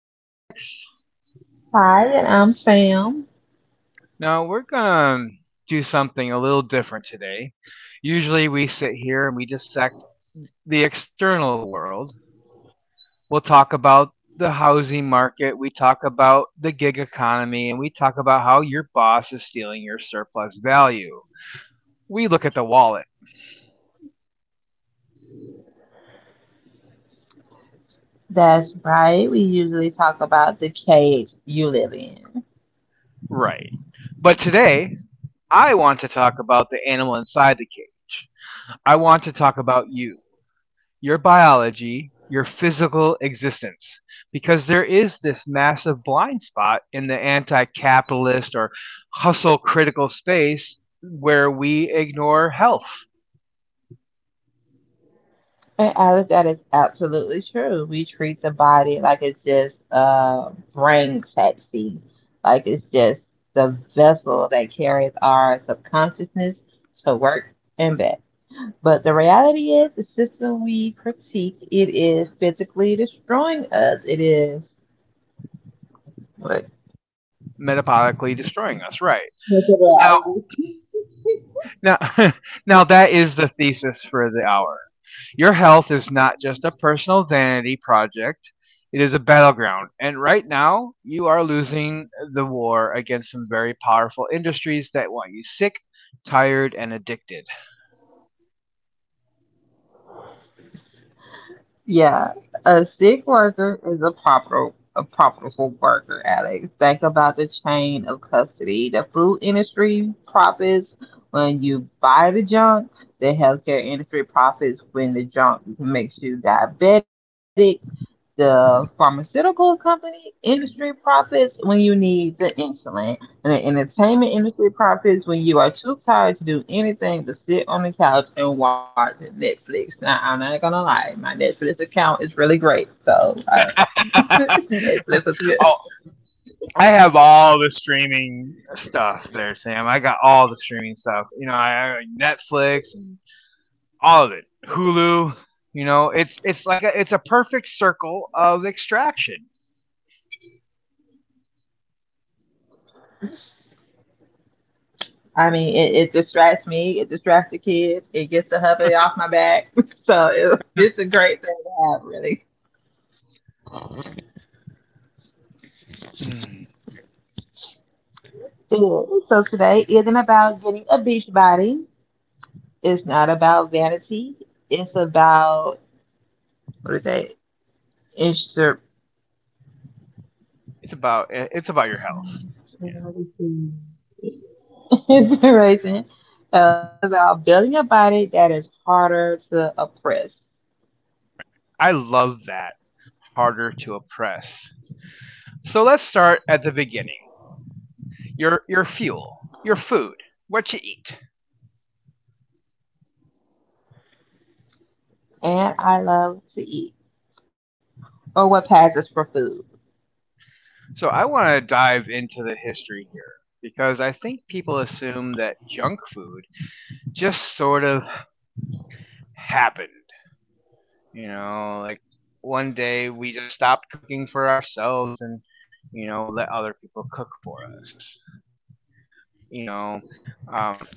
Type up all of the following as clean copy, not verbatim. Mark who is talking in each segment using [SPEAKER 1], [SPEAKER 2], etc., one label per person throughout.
[SPEAKER 1] I'm Alex.
[SPEAKER 2] Hi, and I'm Sam.
[SPEAKER 1] Now we're gonna do something a little different today. Usually we sit here and we dissect the external world. We'll talk about the housing market, we talk about the gig economy, and we talk about how your boss is stealing your surplus value. We look at the wallet.
[SPEAKER 2] That's right. We usually talk about the cage you live in.
[SPEAKER 1] Right. But today, I want to talk about the animal inside the cage. I want to talk about you, your biology, your physical existence. Because there is this massive blind spot in the anti capitalist or hustle critical space where we ignore health
[SPEAKER 2] And Alice, that is absolutely true. We treat the body like it's just a brain taxi, like it's just the vessel that carries our subconsciousness to work and back. But the reality is, the system we critique, it is physically destroying us. It is.
[SPEAKER 1] metabolically destroying us right now now. Now that is the thesis for the hour. Your health is not just a personal vanity project. It is a battleground, and right now you are losing the war against some very powerful industries that want you sick, tired, and addicted.
[SPEAKER 2] Yeah, a sick worker is a profitable worker, Alex. Think about the chain of custody. The food industry profits when you buy the junk. The healthcare industry profits when the junk makes you diabetic. The pharmaceutical company industry profits when you need the insulin, and the entertainment industry profits when you are too tired to do anything but sit on the couch and watch Netflix. Now, I'm not gonna lie, my Netflix account is really great, so
[SPEAKER 1] Oh,
[SPEAKER 2] Netflix is good.
[SPEAKER 1] I have all the streaming stuff there, Sam. I got all the streaming stuff. You know, I, Netflix and all of it. Hulu. You know, it's like it's a perfect circle of extraction.
[SPEAKER 2] I mean, it distracts me, it distracts the kids, it gets the hubby off my back, so it's a great thing to have, really. Yeah, so today isn't about getting a beach body. It's not about vanity. It's about, what is that? Insur-
[SPEAKER 1] It's about your health. Yeah.
[SPEAKER 2] Inspiration. It's about building a body that is harder to oppress.
[SPEAKER 1] I love that. Harder to oppress. So let's start at the beginning. Your fuel, your food, what you eat.
[SPEAKER 2] And I love to eat, or what passes for food.
[SPEAKER 1] So I want to dive into the history here because I think people assume that junk food just sort of happened. You know, like one day we just stopped cooking for ourselves and, let other people cook for us. You know, um,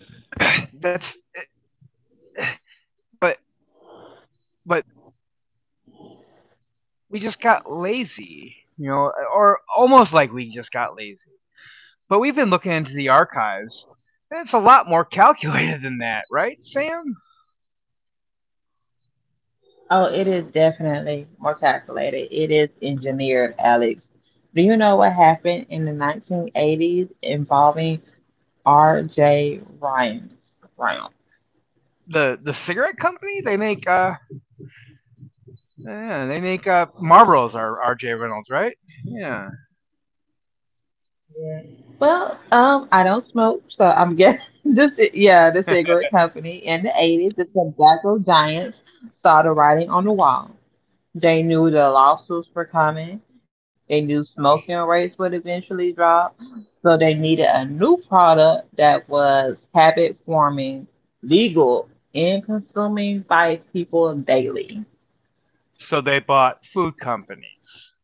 [SPEAKER 1] that's, but, but we just got lazy, or almost like we just got lazy. But we've been looking into the archives, and it's a lot more calculated than that, right, Sam?
[SPEAKER 2] Oh, it is definitely more calculated. It is engineered, Alex. Do you know what happened in the 1980s involving R.J. Ryan? Ryan.
[SPEAKER 1] The cigarette company. They make yeah, they make Marlboros. Are R.J. Reynolds right? Yeah.
[SPEAKER 2] Yeah. I don't smoke, so I'm guessing this. Yeah, the cigarette company in the '80s, the tobacco giants saw the writing on the wall. They knew the lawsuits were coming. They knew smoking rates would eventually drop, so they needed a new product that was habit forming, legal, and consuming by people daily.
[SPEAKER 1] So they bought food companies.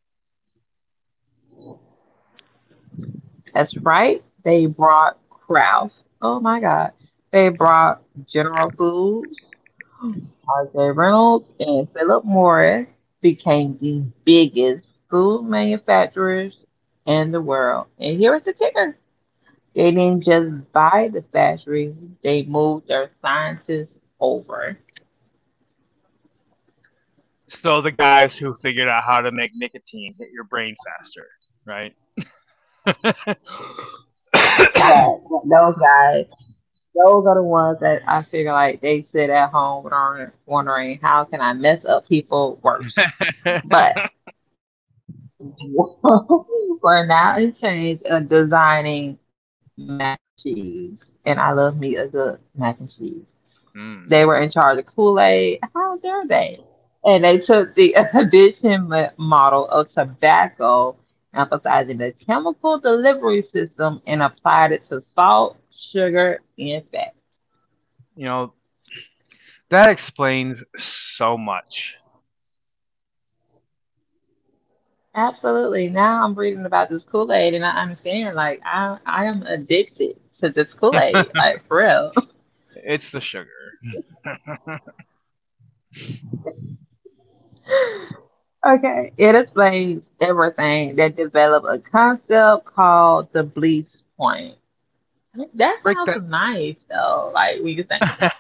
[SPEAKER 2] That's right. They brought Kraft. Oh my God. They brought General Foods. RJ Reynolds and Philip Morris became the biggest food manufacturers in the world. And here is the kicker. They didn't just buy the factory, they moved their scientists over.
[SPEAKER 1] So the guys who figured out how to make nicotine hit your brain faster, right?
[SPEAKER 2] Yeah, those guys, those are the ones that I figure like they sit at home wondering how can I mess up people worse. But we're now in charge of designing mac and cheese, and I love me a good mac and cheese. They were
[SPEAKER 1] Mm.
[SPEAKER 2] in charge of Kool-Aid. How dare they? And they took the model of tobacco, emphasizing the chemical delivery system, and applied it to salt, sugar, and fat.
[SPEAKER 1] You know that explains so much.
[SPEAKER 2] Absolutely. Now I'm reading about this Kool-Aid, and I understand. Like I am addicted to this Kool-Aid. Like for real.
[SPEAKER 1] It's the sugar.
[SPEAKER 2] Okay, it explains everything. They develop a concept called the bleach point. That
[SPEAKER 1] Break
[SPEAKER 2] sounds
[SPEAKER 1] that
[SPEAKER 2] nice though. Like when you think about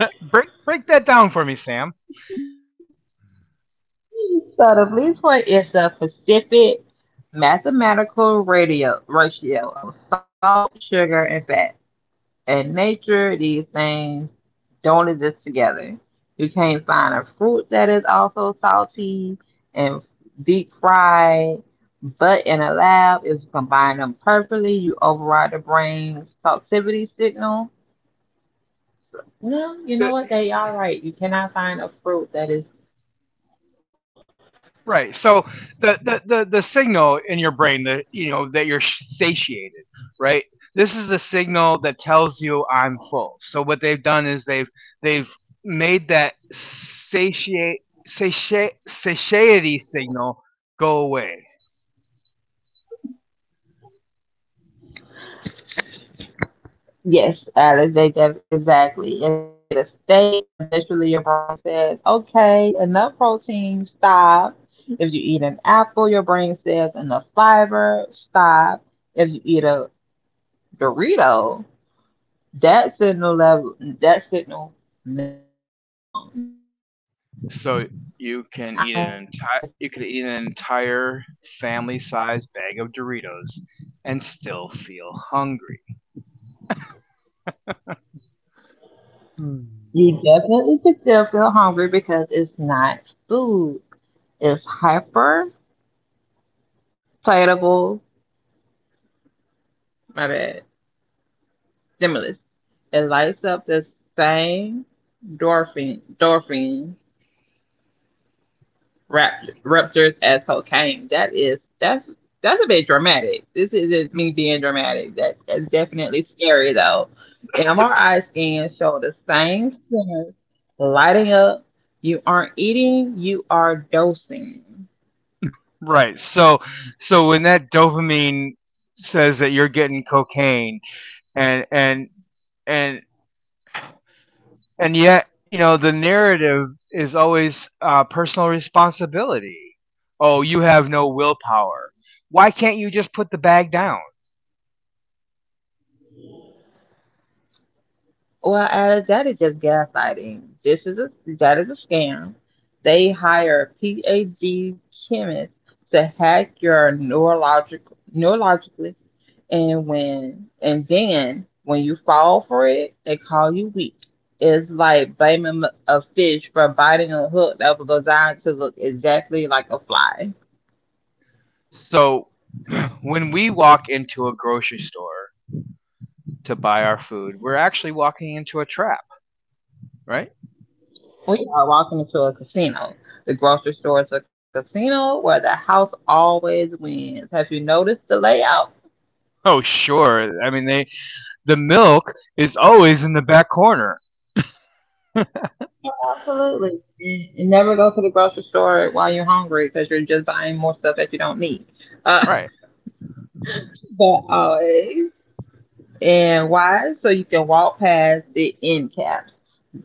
[SPEAKER 1] Break that down for me, Sam.
[SPEAKER 2] it. So the bleach point is the specific mathematical radio ratio of salt, sugar, and fat. In nature, these things don't exist together. You can't find a fruit that is also salty and deep fried, but in a lab, if you combine them perfectly, you override the brain's saltivity signal. No, you know what? They are right. You cannot find a fruit that is.
[SPEAKER 1] Right. So the signal in your brain that you know that you're satiated, right? This is the signal that tells you I'm full. So what they've done is they've made that satiate satiate satiety signal go away.
[SPEAKER 2] Yes, Alex, exactly. If you eat a steak, eventually your brain says, okay, enough protein, stop. If you eat an apple, your brain says, enough fiber, stop. If you eat a Dorito, that signal level, that signal never comes.
[SPEAKER 1] So
[SPEAKER 2] And I have not noticed that.
[SPEAKER 1] you could eat an entire family-sized bag of Doritos and still feel hungry.
[SPEAKER 2] You
[SPEAKER 1] Mm.
[SPEAKER 2] definitely could still feel hungry because it's not food. It's hyper palatable. My bad. Stimulus that lights up the same dopamine receptors as cocaine. That is, that's a bit dramatic. This isn't me being dramatic. That that's definitely scary though. MRI scans show the same centers lighting up. You aren't eating, you are dosing.
[SPEAKER 1] Right. so when that dopamine says that you're getting cocaine and and and and yet, the narrative is always personal responsibility. Oh, you have no willpower. Why can't you just put the bag down?
[SPEAKER 2] Well, Alex, that is just gaslighting. This is a That is a scam. They hire PhD chemists to hack your neurologically, and when and then when you fall for it, they call you weak. It's like blaming a fish for biting a hook that was designed to look exactly like a fly.
[SPEAKER 1] So when we walk into a grocery store to buy our food, we're actually walking into a trap, right?
[SPEAKER 2] We are walking into a casino. The grocery store is a casino where the house always wins. Have you noticed the layout?
[SPEAKER 1] Oh, sure. I mean, the milk is always in the back corner.
[SPEAKER 2] Absolutely. And never go to the grocery store while you're hungry because you're just buying more stuff that you don't need. Uh,
[SPEAKER 1] Right.
[SPEAKER 2] but always and wise so you can walk past the end caps.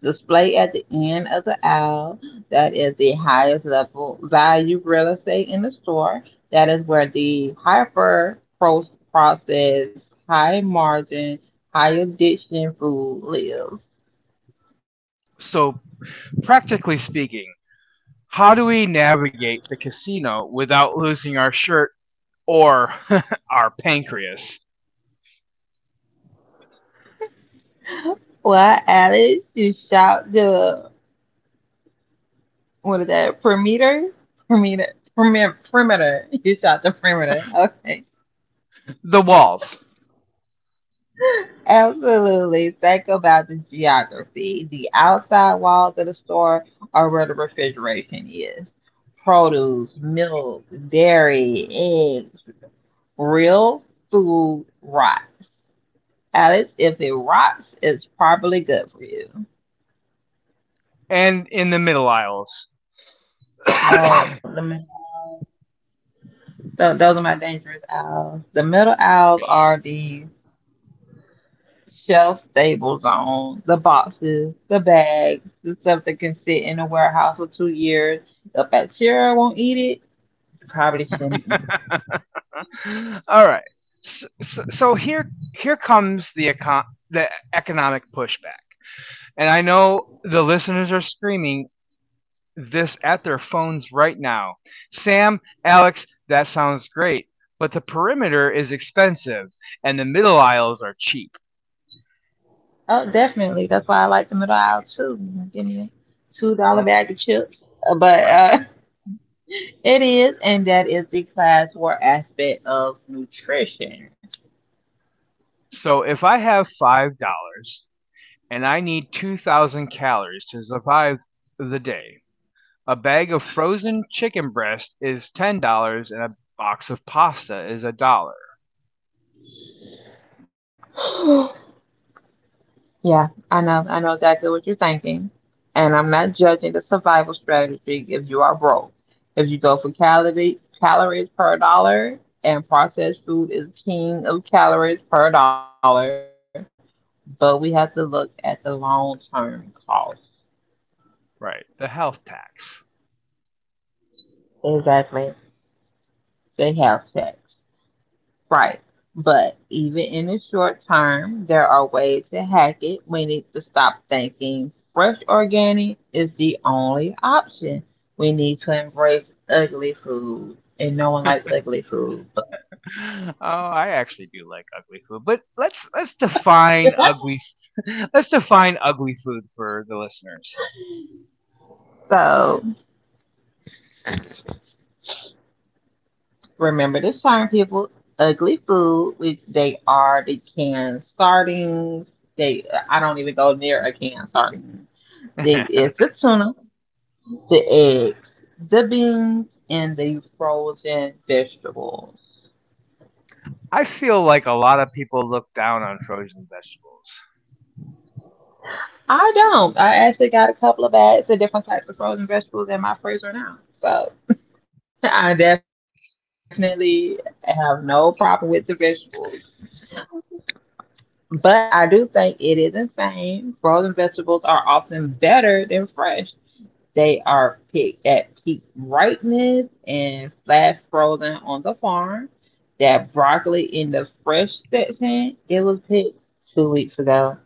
[SPEAKER 2] Display at the end of the aisle, that is the highest level value real estate in the store. That is where the processed, high margin, high addiction food lives.
[SPEAKER 1] So practically speaking, how do we navigate the casino without losing our shirt or our pancreas?
[SPEAKER 2] Well, Alex, you shop good. What is that? Perimeter? Perimeter. Perimeter. Perimeter. You shot the perimeter. Okay.
[SPEAKER 1] The walls
[SPEAKER 2] Absolutely. Think about the geography, the outside walls of the store are where the refrigeration is. Produce, milk, dairy, eggs, real food rots. Alex, if it rots, it's probably good for you.
[SPEAKER 1] and in the middle aisles. All
[SPEAKER 2] Oh, the middle. Those are my dangerous owls. The middle owls are the shelf stable on the boxes, the bags, the stuff that can sit in a warehouse for 2 years. The bacteria won't eat it. Probably shouldn't either.
[SPEAKER 1] right. So, here comes the the economic pushback. And I know the listeners are screaming this at their phones right now. Sam, Alex, that sounds great, but the perimeter is expensive and the middle aisles are cheap,
[SPEAKER 2] Oh, definitely. That's why I like the middle aisle too. Give me a $2 bag of chips. Uh, But
[SPEAKER 1] right?
[SPEAKER 2] uh, it is, and that is the class war aspect of nutrition.
[SPEAKER 1] So if I have $5 and I need 2,000 calories to survive the day, a bag of frozen chicken breast is $10 and a box of pasta is a dollar.
[SPEAKER 2] Yeah, I know. I know exactly what you're thinking. And I'm not judging the survival strategy if you are broke. If you go for calories per dollar, and processed food is king of calories per dollar, but we have to look at the long term cost.
[SPEAKER 1] Right. The health tax.
[SPEAKER 2] Exactly. The health tax. Right. But even in the short term, there are ways to hack it. We need to stop thinking fresh organic is the only option. We need to embrace ugly food, and no one likes ugly food.
[SPEAKER 1] Oh, I actually do like ugly food, but let's define ugly. Let's define ugly food for the listeners.
[SPEAKER 2] So remember this term, people. Ugly food, which they are the canned sardines. They, I don't even go near a canned sardine. They, it's the tuna, the eggs, the beans, and the frozen vegetables.
[SPEAKER 1] I feel like a lot of people look down on frozen vegetables.
[SPEAKER 2] I don't. I actually got a couple of bags of different types of frozen vegetables in my freezer now. So I definitely have no problem with the vegetables. But I do think it is insane. Frozen vegetables are often better than fresh. They are picked at peak ripeness and flash frozen on the farm. That broccoli in the fresh section, it was picked 2 weeks ago,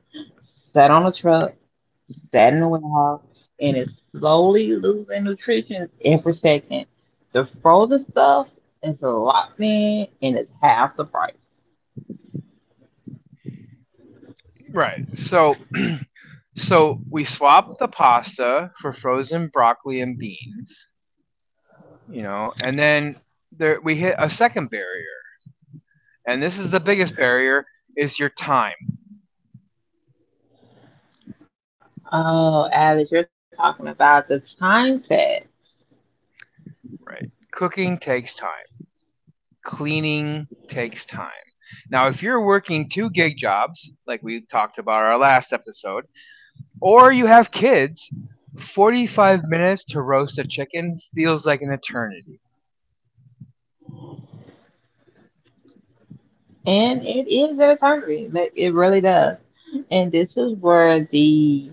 [SPEAKER 2] sat on a truck, sat in the warehouse, and is slowly losing nutrition every second. The frozen stuff is locked in and it's half the price.
[SPEAKER 1] Right. so we swapped the pasta for frozen broccoli and beans, and then there we hit a second barrier. And this is the biggest barrier is your time.
[SPEAKER 2] Oh, Alice, you're talking about the time set.
[SPEAKER 1] Right. Cooking takes time. Cleaning takes time. Now, if you're working two gig jobs, like we talked about our last episode, or you have kids, 45 minutes to roast a chicken feels like an eternity.
[SPEAKER 2] And it is very hungry. Like it really does. And this is where the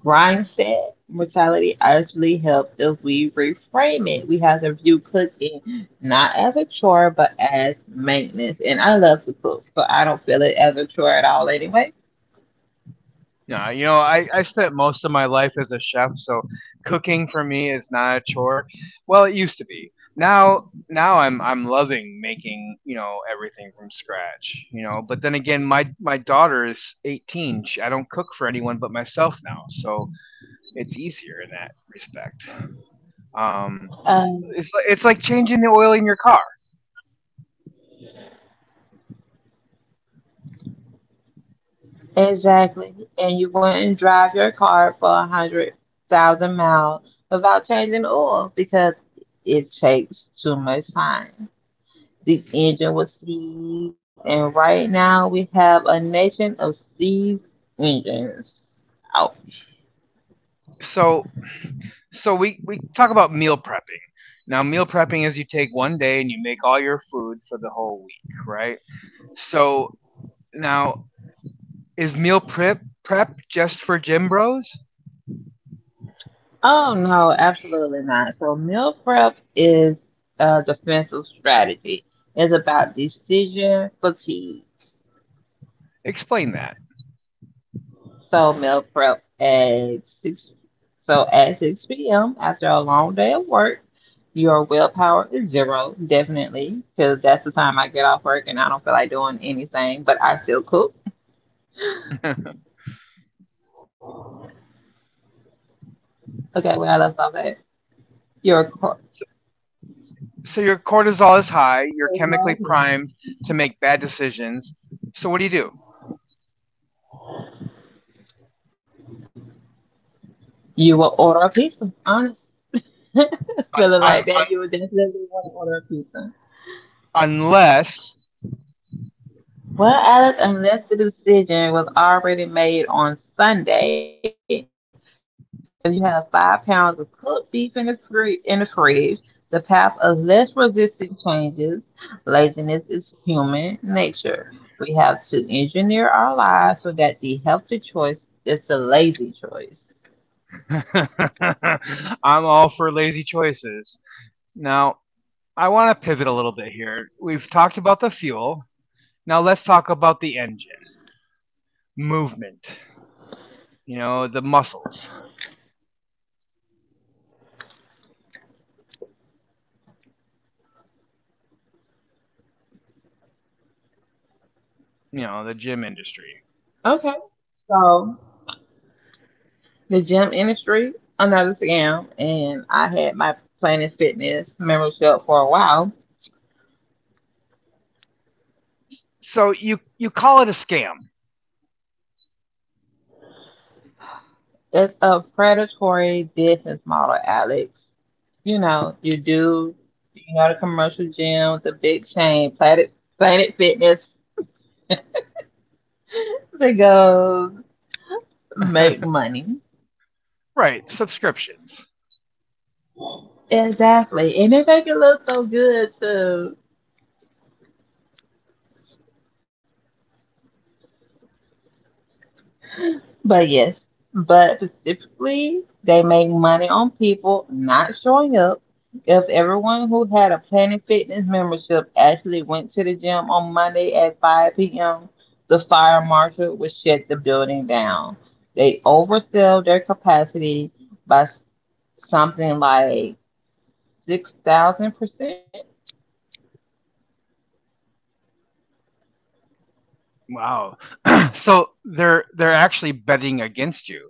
[SPEAKER 2] grind set mortality actually helped if we reframe it. We have to view cooking not as a chore but as maintenance. And I love to cook, so I don't feel it as a chore at all anyway.
[SPEAKER 1] No, I spent most of my life as a chef, so cooking for me is not a chore. Well, it used to be. Now, I'm loving making, everything from scratch. But then again, my daughter is 18. I don't cook for anyone but myself now, so it's easier in that respect. Um, it's like changing the oil in your car.
[SPEAKER 2] Exactly. And you wouldn't drive your car for 100,000 miles without changing oil because it takes too much time. The engine was seized, and right now we have a nation of seized engines. Ouch.
[SPEAKER 1] So so we talk about meal prepping. Now, meal prepping is you take one day and you make all your food for the whole week, right? So now, is meal prep just for gym bros?
[SPEAKER 2] Oh no, absolutely not. So meal prep is a defensive strategy. It's about decision fatigue.
[SPEAKER 1] Explain that.
[SPEAKER 2] So meal prep at six so at six p.m. after a long day of work, your willpower is zero, definitely, because that's the time I get off work and I don't feel like doing anything, but I still cook. Okay, where I left off at. Your car,
[SPEAKER 1] so, so, your cortisol is high. You're chemically primed to make bad decisions. So what do you do?
[SPEAKER 2] you will order a pizza. Honest,
[SPEAKER 1] Un,
[SPEAKER 2] feeling
[SPEAKER 1] un,
[SPEAKER 2] like
[SPEAKER 1] un,
[SPEAKER 2] that, you would definitely want to order a pizza.
[SPEAKER 1] unless,
[SPEAKER 2] Well, Alex, unless the decision was already made on Sunday, if you have 5 pounds of cooked beef in the fridge, the path of less resistance changes. Laziness is human nature. We have to engineer our lives so that the healthy choice is the lazy choice.
[SPEAKER 1] I'm all for lazy choices. Now, I want to pivot a little bit here. We've talked about the fuel. Now let's talk about the engine, movement, the muscles, the gym industry.
[SPEAKER 2] Okay, so the gym industry, another scam, and I had my Planet Fitness membership for a while.
[SPEAKER 1] So you call it a scam.
[SPEAKER 2] It's a predatory business model, Alex. You know, you do, you know, the commercial gym, the big chain, Planet Fitness, to go make money.
[SPEAKER 1] Right, subscriptions.
[SPEAKER 2] Exactly. And they make it look so good, too. But yes, but specifically, they make money on people not showing up. If everyone who had a Planet Fitness membership actually went to the gym on Monday at 5 p.m., the fire marshal would shut the building down. They oversell their capacity by something like 6,000%.
[SPEAKER 1] Wow. So they're actually betting against you.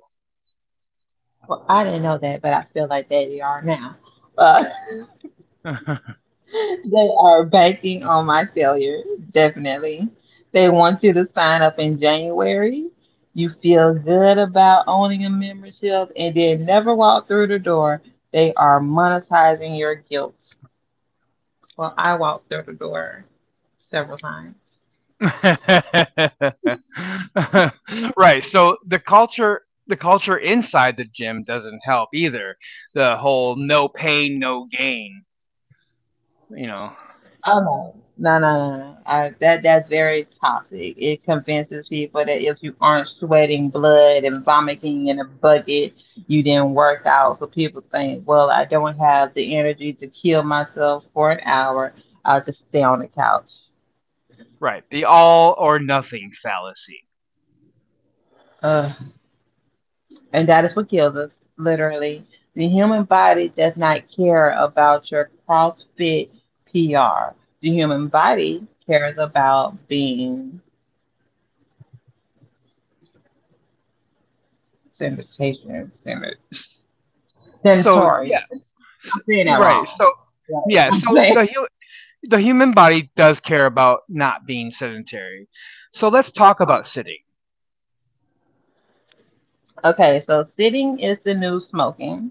[SPEAKER 2] Well, I didn't know that, but I feel like they are now. Uh, they are banking on my failure, definitely. They want you to sign up in January. You feel good about owning a membership and then never walk through the door. They are monetizing your guilt. Well, I walked through the door several times.
[SPEAKER 1] Right. So the culture inside the gym doesn't help either. The whole no pain, no gain, you know.
[SPEAKER 2] Oh no, no, no, no, no. I, that that's very toxic. It convinces people that if you aren't sweating blood and vomiting in a bucket, you didn't work out. So people think, well, I don't have the energy to kill myself for an hour. I'll just stay on the couch.
[SPEAKER 1] Right. The all or nothing fallacy.
[SPEAKER 2] Ugh. And that is what kills us, literally. The human body does not care about your CrossFit PR. The human body cares about being sanitation, than
[SPEAKER 1] So yeah,
[SPEAKER 2] Tory. I'm saying that
[SPEAKER 1] right.
[SPEAKER 2] wrong.
[SPEAKER 1] So
[SPEAKER 2] Right.
[SPEAKER 1] yeah,
[SPEAKER 2] I'm
[SPEAKER 1] so the
[SPEAKER 2] saying.
[SPEAKER 1] hu- the human body does care about not being sedentary. So let's talk about sitting.
[SPEAKER 2] Okay, so sitting is the new smoking.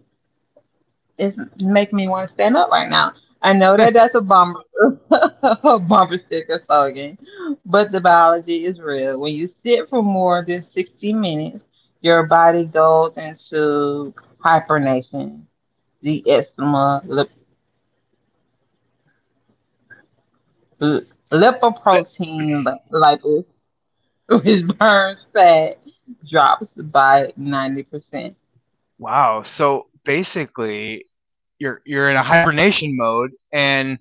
[SPEAKER 2] It's making me want to stand up right now. I know
[SPEAKER 1] Th-
[SPEAKER 2] that that's a bumper a bumper sticker slogan, but the biology is real. When you sit for more than 60 minutes, your body goes into hibernation. The eczema, lip, lipoprotein which burns fat, drops by 90%.
[SPEAKER 1] wow. So basically, you're in a hibernation mode, and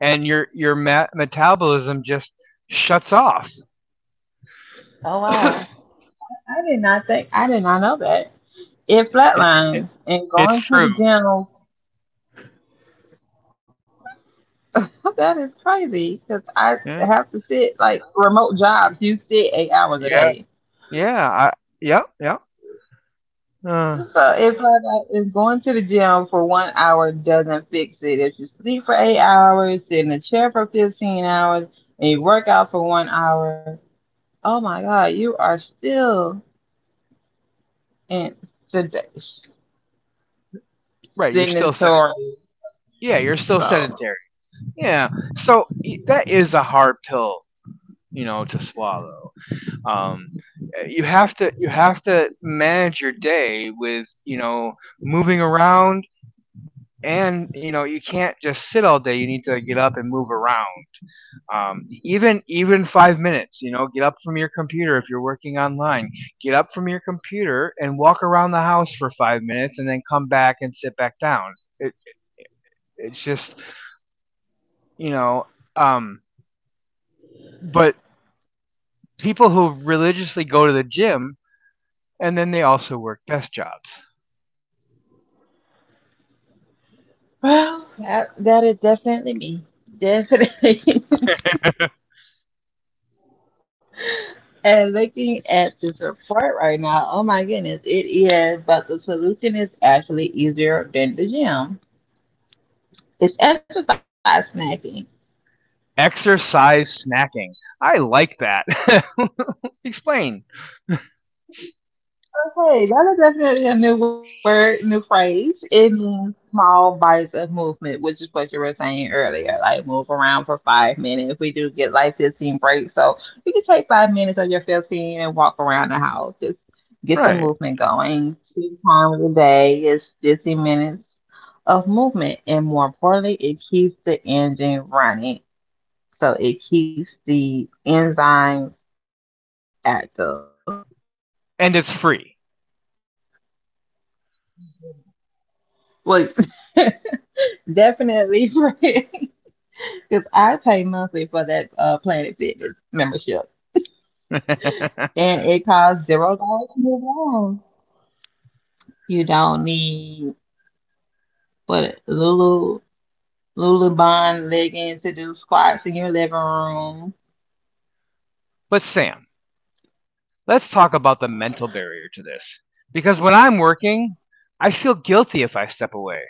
[SPEAKER 1] your metabolism just shuts off.
[SPEAKER 2] Oh wow. I did not know that. It
[SPEAKER 1] it's it,
[SPEAKER 2] flatlines and
[SPEAKER 1] it's
[SPEAKER 2] going to
[SPEAKER 1] true.
[SPEAKER 2] the gym. That is crazy because I have
[SPEAKER 1] Yeah.
[SPEAKER 2] to sit like remote jobs. You sit 8 hours a day.
[SPEAKER 1] Yeah. Yeah. Yep. Yep. Uh,
[SPEAKER 2] So if like if going to the gym for 1 hour doesn't fix it, if you sleep for 8 hours, sit in a chair for 15 hours, and you work out for 1 hour, oh my god, you are still in today
[SPEAKER 1] right. You're
[SPEAKER 2] sitting in
[SPEAKER 1] still sedentary.
[SPEAKER 2] sore.
[SPEAKER 1] Yeah, you're still sedentary. Yeah, so that is a hard pill, to swallow. Um, you have to manage your day with moving around, and you can't just sit all day. You need to get up and move around. Even 5 minutes, get up from your computer if you're working online. Get up from your computer and walk around the house for 5 minutes, and then come back and sit back down. It's just you know. Um, but people who religiously go to the gym and then they also work desk jobs.
[SPEAKER 2] Well, that is definitely me. Definitely. And looking at this report right now, oh my goodness, it is, but the solution is actually easier than the gym. It's exercise snacking.
[SPEAKER 1] Exercise snacking. I like that. Explain.
[SPEAKER 2] Okay, that is definitely a new word, new phrase. It means small bites of movement, which is what you were saying earlier. Like move around for 5 minutes. We do get like 15 breaks. So you can take 5 minutes of your 15 and walk around the house. Just get some
[SPEAKER 1] Right.
[SPEAKER 2] movement going. Two times a day is 50 minutes of movement. And more importantly, it keeps the engine running. So it keeps the enzymes active.
[SPEAKER 1] And it's free.
[SPEAKER 2] Well, definitely free. Because I pay monthly for that Planet Fitness membership.
[SPEAKER 1] But
[SPEAKER 2] And it costs $0 to move on. You don't need what Lulu Bond leggings to do squats in your living room.
[SPEAKER 1] Sam, let's talk about the mental barrier to this. Because when I'm working, I feel guilty if I step away.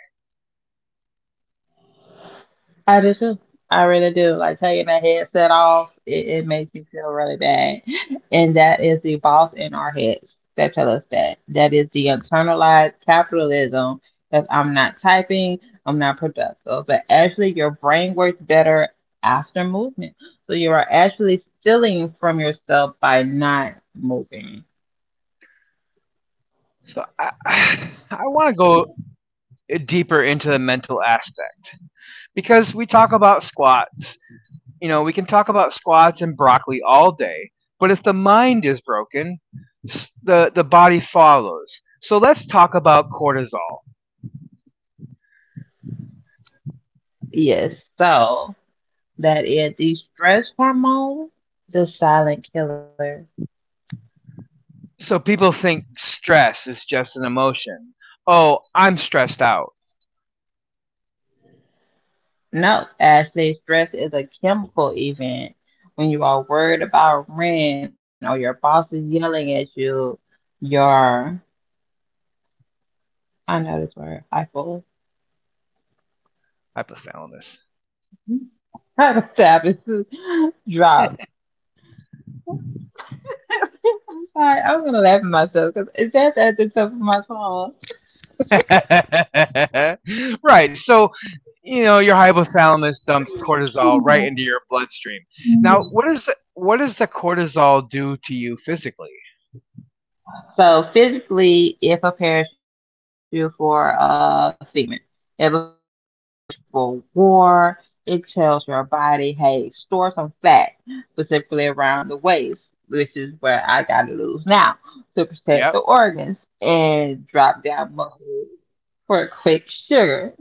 [SPEAKER 2] I do too. I really do. Like taking that headset off, it makes me feel really bad. And that is the boss in our heads that tell us that. That is the internalized capitalism that I'm not typing, I'm not productive. But actually, your brain works better after movement. So you are actually stealing from yourself by not moving.
[SPEAKER 1] So I want to go deeper into the mental aspect because we talk about squats. You know, we can talk about squats and broccoli all day, but if the mind is broken, the body follows. So let's talk about cortisol.
[SPEAKER 2] Yes. So that is the stress hormone, the silent killer.
[SPEAKER 1] So people think stress is just an emotion. Oh, I'm stressed out.
[SPEAKER 2] No, Ashley, stress is a chemical event. When you are worried about rent or your boss is yelling at you, your, I know this word, hypo,
[SPEAKER 1] Hypothalamus.
[SPEAKER 2] hypothalamus drops. I'm sorry, I'm gonna laugh at myself because it's just at the top of my tongue.
[SPEAKER 1] Right. So, your hypothalamus dumps cortisol right into your bloodstream. Now, what does the cortisol do to you physically?
[SPEAKER 2] So physically, it prepares you for sickness. It prepares you for war. It tells your body, hey, store some fat, specifically around the waist, which is where I gotta lose now to protect the
[SPEAKER 1] Yep.
[SPEAKER 2] organs and drop down muscle for quick sugar.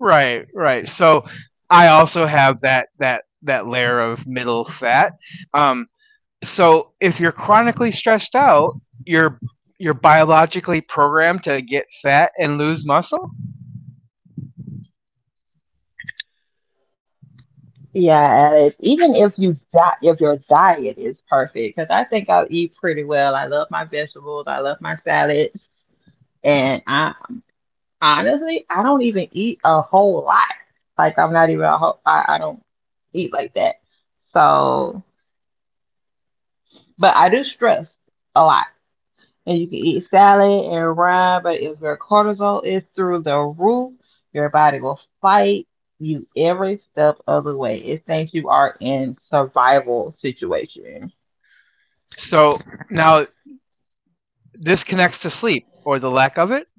[SPEAKER 1] Right, right. So I also have that that layer of middle fat. Um, so if you're chronically stressed out, you're you're biologically programmed to get fat and lose muscle.
[SPEAKER 2] Yeah, and it, even if you if your diet is perfect, because I think I eat pretty well. I love my vegetables. I love my salads, and I honestly, I don't even eat a whole lot. Like I'm not even a whole, I don't eat like that. So, but I do stress a lot. And you can eat salad and rye, but if your cortisol is through the roof, your body will fight you every step of the way. It thinks you are in survival situation.
[SPEAKER 1] So now this connects to sleep or the lack of it.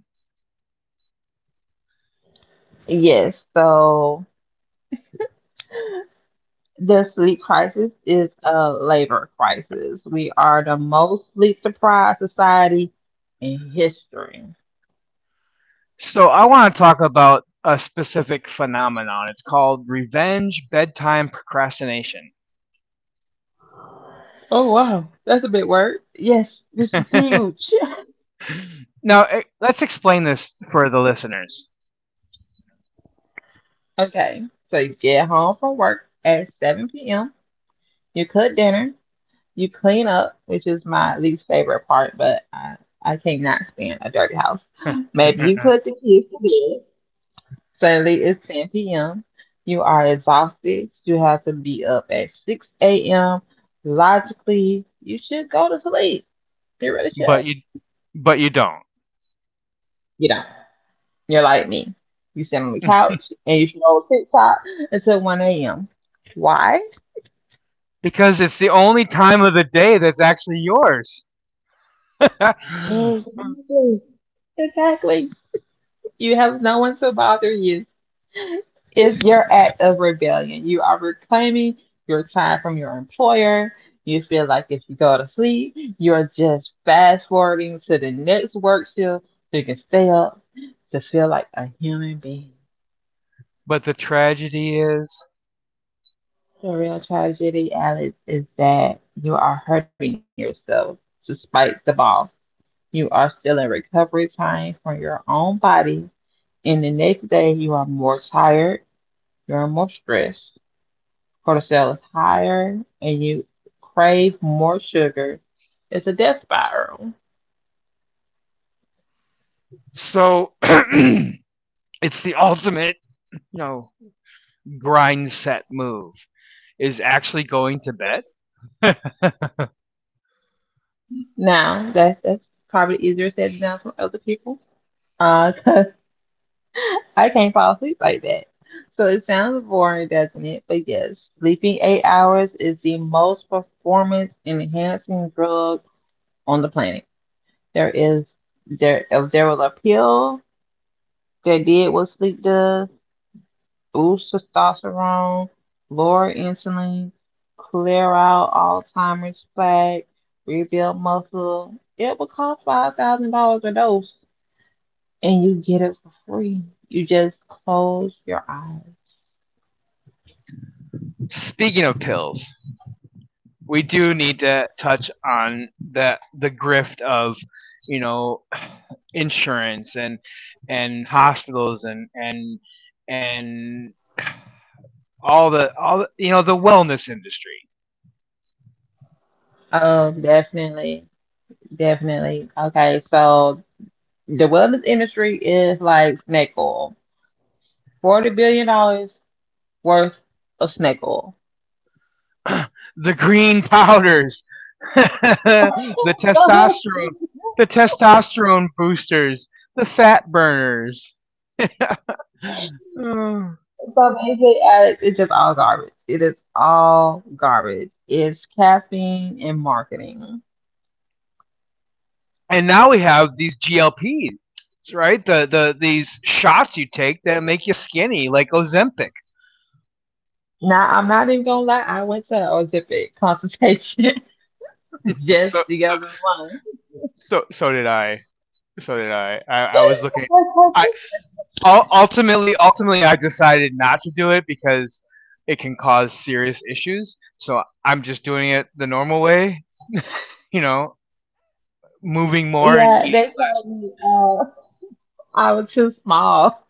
[SPEAKER 2] Yes, so the sleep crisis is a labor crisis. We are the most sleep deprived society in history.
[SPEAKER 1] So I want to talk about a specific phenomenon. It's called revenge bedtime procrastination.
[SPEAKER 2] Oh wow, that's a big word. Yes, this is huge.
[SPEAKER 1] Now, let's explain this for the listeners.
[SPEAKER 2] Okay, so you get home from work at 7 p.m. You cook dinner. You clean up, which is my least favorite part, but I cannot stand a dirty house. Maybe you put the kids to bed. Suddenly it's 10 p.m. You are exhausted. You have to be up at 6 a.m. Logically, you should go to sleep. You really should.
[SPEAKER 1] but you but you don't
[SPEAKER 2] You don't. You're like me. You sit on the couch and you scroll TikTok until 1 a.m. Why?
[SPEAKER 1] because it's the only time of the day that's actually yours. But
[SPEAKER 2] Exactly. Exactly. You have no one to bother you. It's your act of rebellion. You are reclaiming your time from your employer. You feel like if you go to sleep, you're just fast forwarding to the next work shift so you can stay up to feel like a human being.
[SPEAKER 1] the tragedy is,
[SPEAKER 2] The real tragedy, Alex, is that you are hurting yourself despite the boss. You are still in recovery time from your own body, and the next day you are more tired, you're more stressed, cortisol is higher, and you crave more sugar. It's a death spiral.
[SPEAKER 1] so, it's the ultimate, you know, grind set move is actually going to bed.
[SPEAKER 2] Now, that's probably easier said than done for other people. Uh. I can't fall asleep like that. So it sounds boring, doesn't it? But yes, sleeping 8 hours is the most performance enhancing drug on the planet. There is there if there was a pill that did what sleep does, boost testosterone, lower insulin, clear out Alzheimer's plaque, rebuild muscle, it would cost $5,000 a dose and you get it for free. You just close your eyes.
[SPEAKER 1] Speaking of pills, we do need to touch on the grift of you know insurance and hospitals and all the, you know the wellness industry.
[SPEAKER 2] Oh, definitely. Definitely. Okay, so the wellness industry is like snake oil. $40 billion worth of snake oil.
[SPEAKER 1] The green powders, the testosterone the testosterone boosters, the fat burners. uh.
[SPEAKER 2] So basically, it's just all garbage. It is all garbage. It's caffeine and marketing.
[SPEAKER 1] And now we have these GLPs, right? These shots you take that make you skinny, like Ozempic.
[SPEAKER 2] Now, I'm not even gonna lie, I went to a Ozempic consultation just
[SPEAKER 1] So
[SPEAKER 2] the other month.
[SPEAKER 1] so did I. So did I. I was looking. I ultimately I decided not to do it because it can cause serious issues. So I'm just doing it the normal way, you know, moving more and
[SPEAKER 2] Yeah, they
[SPEAKER 1] eating less.
[SPEAKER 2] told me I was too small.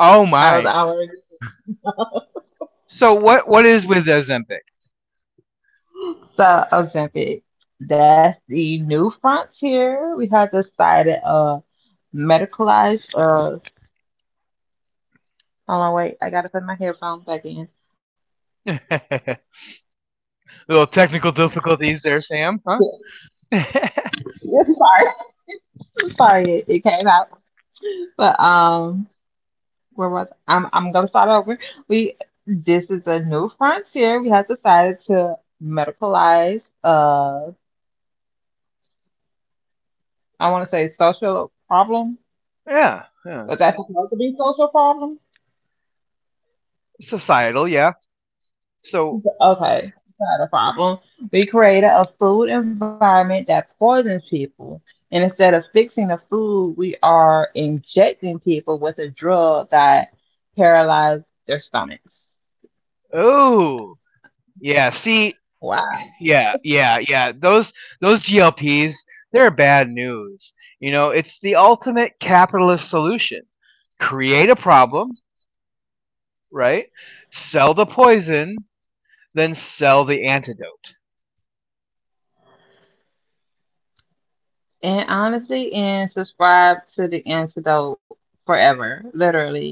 [SPEAKER 1] Oh
[SPEAKER 2] I was
[SPEAKER 1] my.
[SPEAKER 2] already
[SPEAKER 1] So what is with Ozempic?
[SPEAKER 2] so Ozempic. That's the new frontier. We have decided medicalized hold on wait, I gotta put my headphones back in.
[SPEAKER 1] Little technical difficulties there, Sam, huh?
[SPEAKER 2] Yes, sorry. I'm sorry it came out. But where was I'm gonna start over. We This is a new frontier. We have decided to medicalize I wanna say social problem.
[SPEAKER 1] Yeah. Yeah.
[SPEAKER 2] Was that supposed to be social problem?
[SPEAKER 1] Societal, yeah. So,
[SPEAKER 2] Okay, not a problem. We created a food environment that poisons people. And instead of fixing the food, we are injecting people with a drug that paralyzes their stomachs.
[SPEAKER 1] oh, yeah. See,
[SPEAKER 2] Wow.
[SPEAKER 1] yeah, yeah, yeah. Those GLPs, they're bad news. You know, it's the ultimate capitalist solution: create a problem, right? Sell the poison, then sell the antidote.
[SPEAKER 2] And honestly, and subscribe to the antidote forever, literally.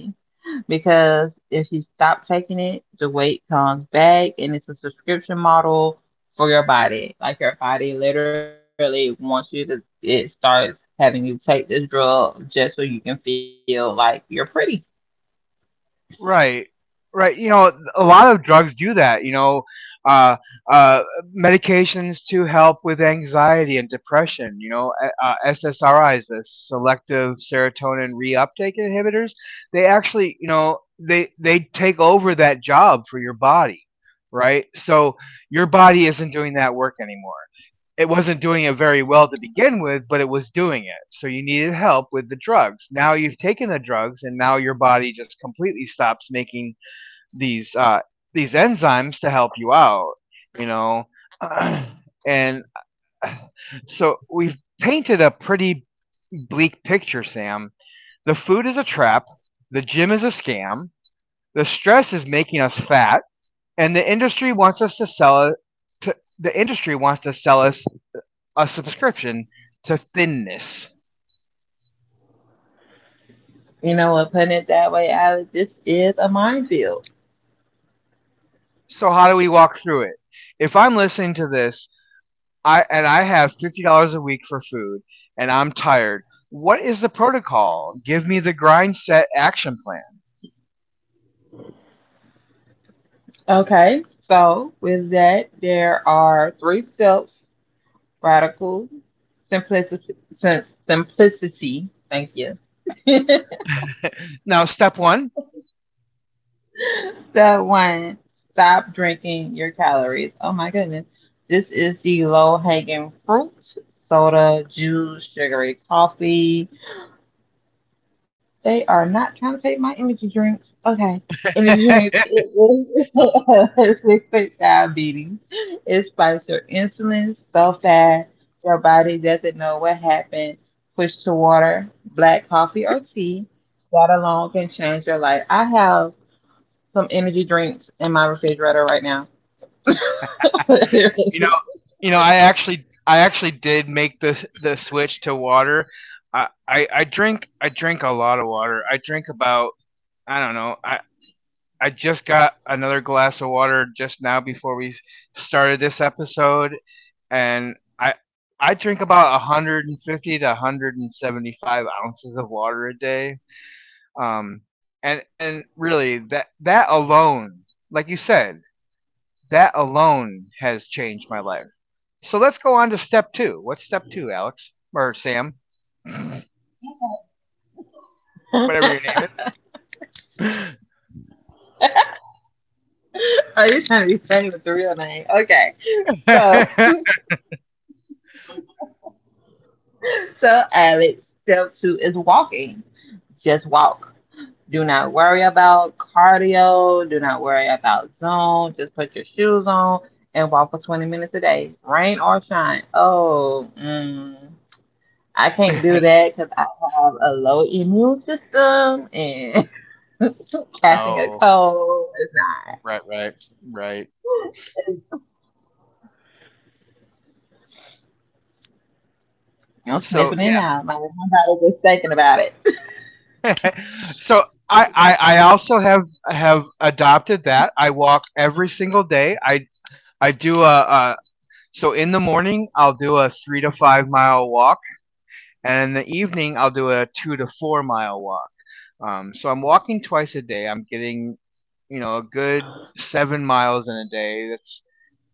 [SPEAKER 2] Because if you stop taking it, the weight comes back, and it's a subscription model for your body. Like your body literally wants you to, it starts having you take this drug just so you can feel like you're pretty.
[SPEAKER 1] Right. Right. You know, a lot of drugs do that, uh, uh, medications to help with anxiety and depression, SSRIs, the selective serotonin reuptake inhibitors, they actually, they take over that job for your body, right? So your body isn't doing that work anymore. It wasn't doing it very well to begin with, but it was doing it. So you needed help with the drugs. Now you've taken the drugs, and now your body just completely stops making these uh, these enzymes to help you out. You know, and so we've painted a pretty bleak picture, Sam. The food is a trap. The gym is a scam. The stress is making us fat, and the industry wants us to sell it. The industry wants to sell us a subscription to thinness.
[SPEAKER 2] You know what, putting it that way, Alex, this is a minefield.
[SPEAKER 1] So how do we walk through it? If I'm listening to this, I have $50 a week for food, and I'm tired. What is the protocol? Give me the grind set action plan.
[SPEAKER 2] Okay, so with that, there are three steps radical, simplicity, simplicity, thank you.
[SPEAKER 1] Now, step one.
[SPEAKER 2] Step one stop drinking your calories. Oh my goodness. This is the low hanging fruit, soda, juice, sugary coffee. They are not trying to take my energy drinks. Okay. Energy drinks.
[SPEAKER 1] you
[SPEAKER 2] It is diabetes. It spikes your insulin so fast your body doesn't know what happened. Push to water, black coffee, or tea. That alone can change your life. I have some energy drinks in my refrigerator right now.
[SPEAKER 1] know, I actually did make this the switch to water. I, I drink a lot of water. I drink about, I don't know, I just got another glass of water just now before we started this episode, and I drink about 150 to 175 ounces of water a day. Um, and really that alone, like you said, that alone has changed my life. So let's go on to step two. What's step two, Alex or Sam,
[SPEAKER 2] Are
[SPEAKER 1] whatever your name is?
[SPEAKER 2] you trying to be funny with the real name? Okay. So, so Alex, step two is walking. Just walk. Do not worry about cardio. Do not worry about zone. Just put your shoes on and walk for 20 minutes a day, rain or shine. Oh, I can't do that because I have a low immune system and passing a
[SPEAKER 1] oh,
[SPEAKER 2] cold is not.
[SPEAKER 1] right, right.
[SPEAKER 2] It's, you know,
[SPEAKER 1] So
[SPEAKER 2] sniffing it
[SPEAKER 1] yeah,
[SPEAKER 2] out. Like, nobody's just thinking about it.
[SPEAKER 1] so I I also have adopted that. I walk every single day. I do a so in the morning I'll do a 3 to 5 mile walk, and in the evening I'll do a 2 to 4 mile walk. So I'm walking twice a day. I'm getting, you know, a good 7 miles in a day. That's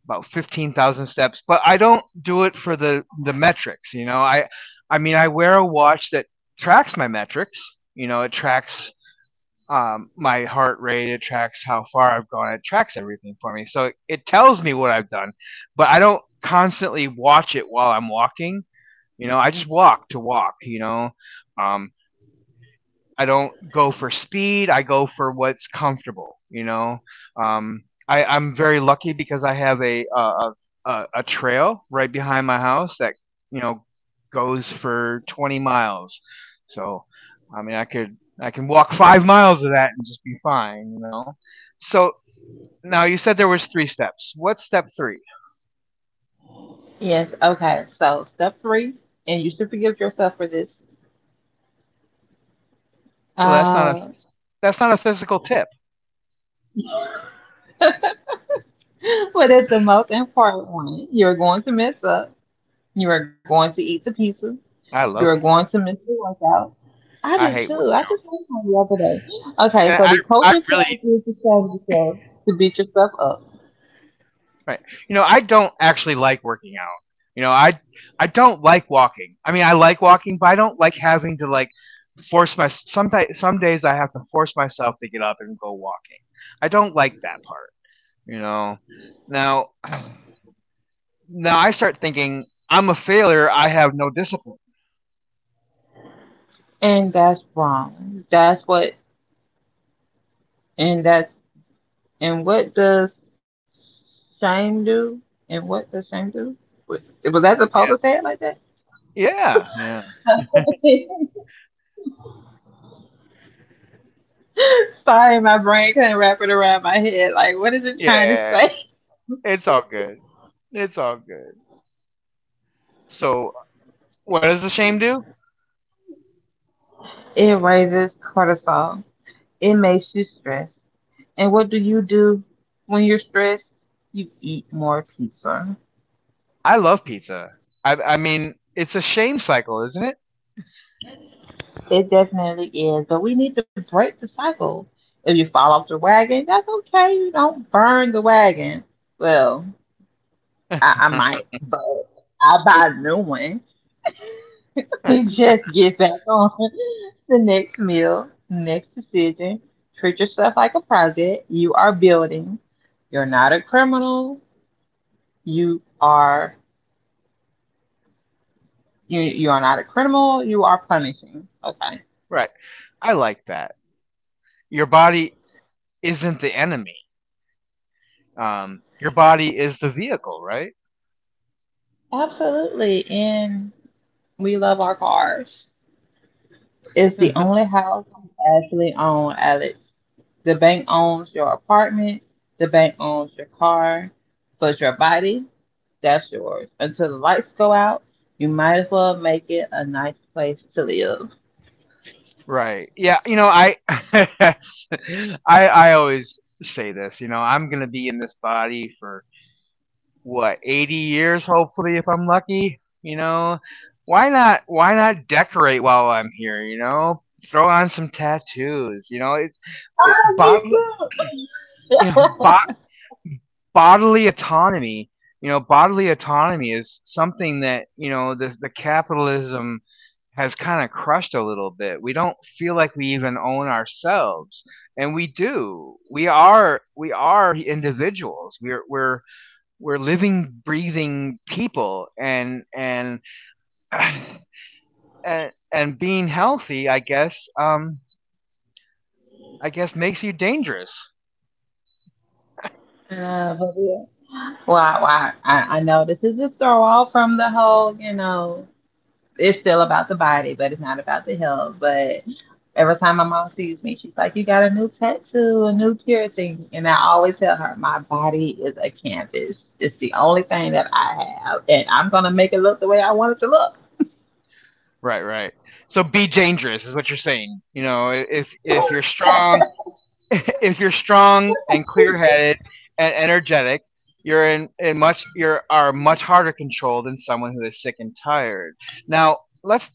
[SPEAKER 1] about 15,000 steps. But I don't do it for the metrics. You know, I mean I wear a watch that tracks my metrics. You know, it tracks my heart rate. It tracks how far I've gone. It tracks everything for me. So it tells me what I've done, but I don't constantly watch it while I'm walking. You know, I just walk to walk. Um, I don't go for speed. I go for what's comfortable. I'm very lucky because I have a trail right behind my house that, you know, goes for 20 miles. So, I mean, I can walk 5 miles of that and just be fine. You know. So now you said there was three steps. What's step three?
[SPEAKER 2] Yes. Okay. So step three, and you should forgive yourself for this.
[SPEAKER 1] So that's not a
[SPEAKER 2] Uh,
[SPEAKER 1] that's not a physical tip.
[SPEAKER 2] but it's the most important one. You're going to mess up. You are going to eat the pizza.
[SPEAKER 1] I
[SPEAKER 2] You're
[SPEAKER 1] love
[SPEAKER 2] going
[SPEAKER 1] pizza.
[SPEAKER 2] to miss the workout. I
[SPEAKER 1] I
[SPEAKER 2] do
[SPEAKER 1] hate
[SPEAKER 2] too.
[SPEAKER 1] working.
[SPEAKER 2] I just went home the other day.
[SPEAKER 1] There,
[SPEAKER 2] Okay,
[SPEAKER 1] And
[SPEAKER 2] so the
[SPEAKER 1] I
[SPEAKER 2] culture
[SPEAKER 1] really.
[SPEAKER 2] tells you to change yourself, to beat yourself up,
[SPEAKER 1] Right. You know, I don't actually like working out. You know, I don't like walking. I mean, I like walking, but I don't like having to, like, force my some days I have to force myself to get up and go walking. I don't like that part, you know. Now now I start thinking I'm a failure, I have no discipline.
[SPEAKER 2] and that's wrong. That's what, and that's And what does shame do? And what does shame do? Wa- Was that supposed
[SPEAKER 1] Yeah.
[SPEAKER 2] to say it like that?
[SPEAKER 1] Yeah. Yeah.
[SPEAKER 2] Sorry, my brain couldn't wrap it around my head. Like, what is it trying to
[SPEAKER 1] Yeah.
[SPEAKER 2] say?
[SPEAKER 1] It's all good. It's all good. So, what does the shame do?
[SPEAKER 2] It raises cortisol. It makes you stressed. And what do you do when you're stressed? You eat more pizza.
[SPEAKER 1] I love pizza. I mean, it's a shame cycle, isn't
[SPEAKER 2] It definitely is. But we need to break the cycle. If you fall off the wagon, that's okay. You don't burn the wagon. Well,
[SPEAKER 1] it?
[SPEAKER 2] I might, but I'll buy a new one. Just get back on the next meal, next decision. Treat yourself like a project. You are building. You're not a criminal. You are you are not a criminal. You are punishing. Okay.
[SPEAKER 1] Right. I like that. Your body isn't the enemy. Your body is the vehicle, right?
[SPEAKER 2] Absolutely. And we love our cars. It's the only house I actually own, Alex. The bank owns your apartment. The bank owns your car, but your body, that's yours. Until the lights go out, you might as well make it a nice place to live.
[SPEAKER 1] Right. Yeah. You know, I, I always say this. You know, I'm gonna be in this body for what, 80 years, hopefully, if I'm lucky. You know, why not? Why not decorate while I'm here? You know, throw on some tattoos. You know, it,
[SPEAKER 2] Oh,
[SPEAKER 1] bod,
[SPEAKER 2] me too.
[SPEAKER 1] you know, bodily autonomy, bodily autonomy is something that, you know, the capitalism has kind of crushed a little bit. We don't feel like we even own ourselves, and we do. We are individuals. We're living, breathing people, and and being healthy, I guess, I guess makes you dangerous.
[SPEAKER 2] But yeah. Well, I know this is a throw off from the whole, you know, it's still about the body, but it's not about the health. But every time my mom sees me, she's like, you got a new tattoo, a new piercing. And I always tell her, my body is a canvas. It's the only thing that I have. And I'm going to make it look the way I want it to look.
[SPEAKER 1] Right. So be dangerous is what you're saying. You know, if you're strong, if you're strong and clear-headed and energetic, you are much harder controlled than someone who is sick and tired. Now let's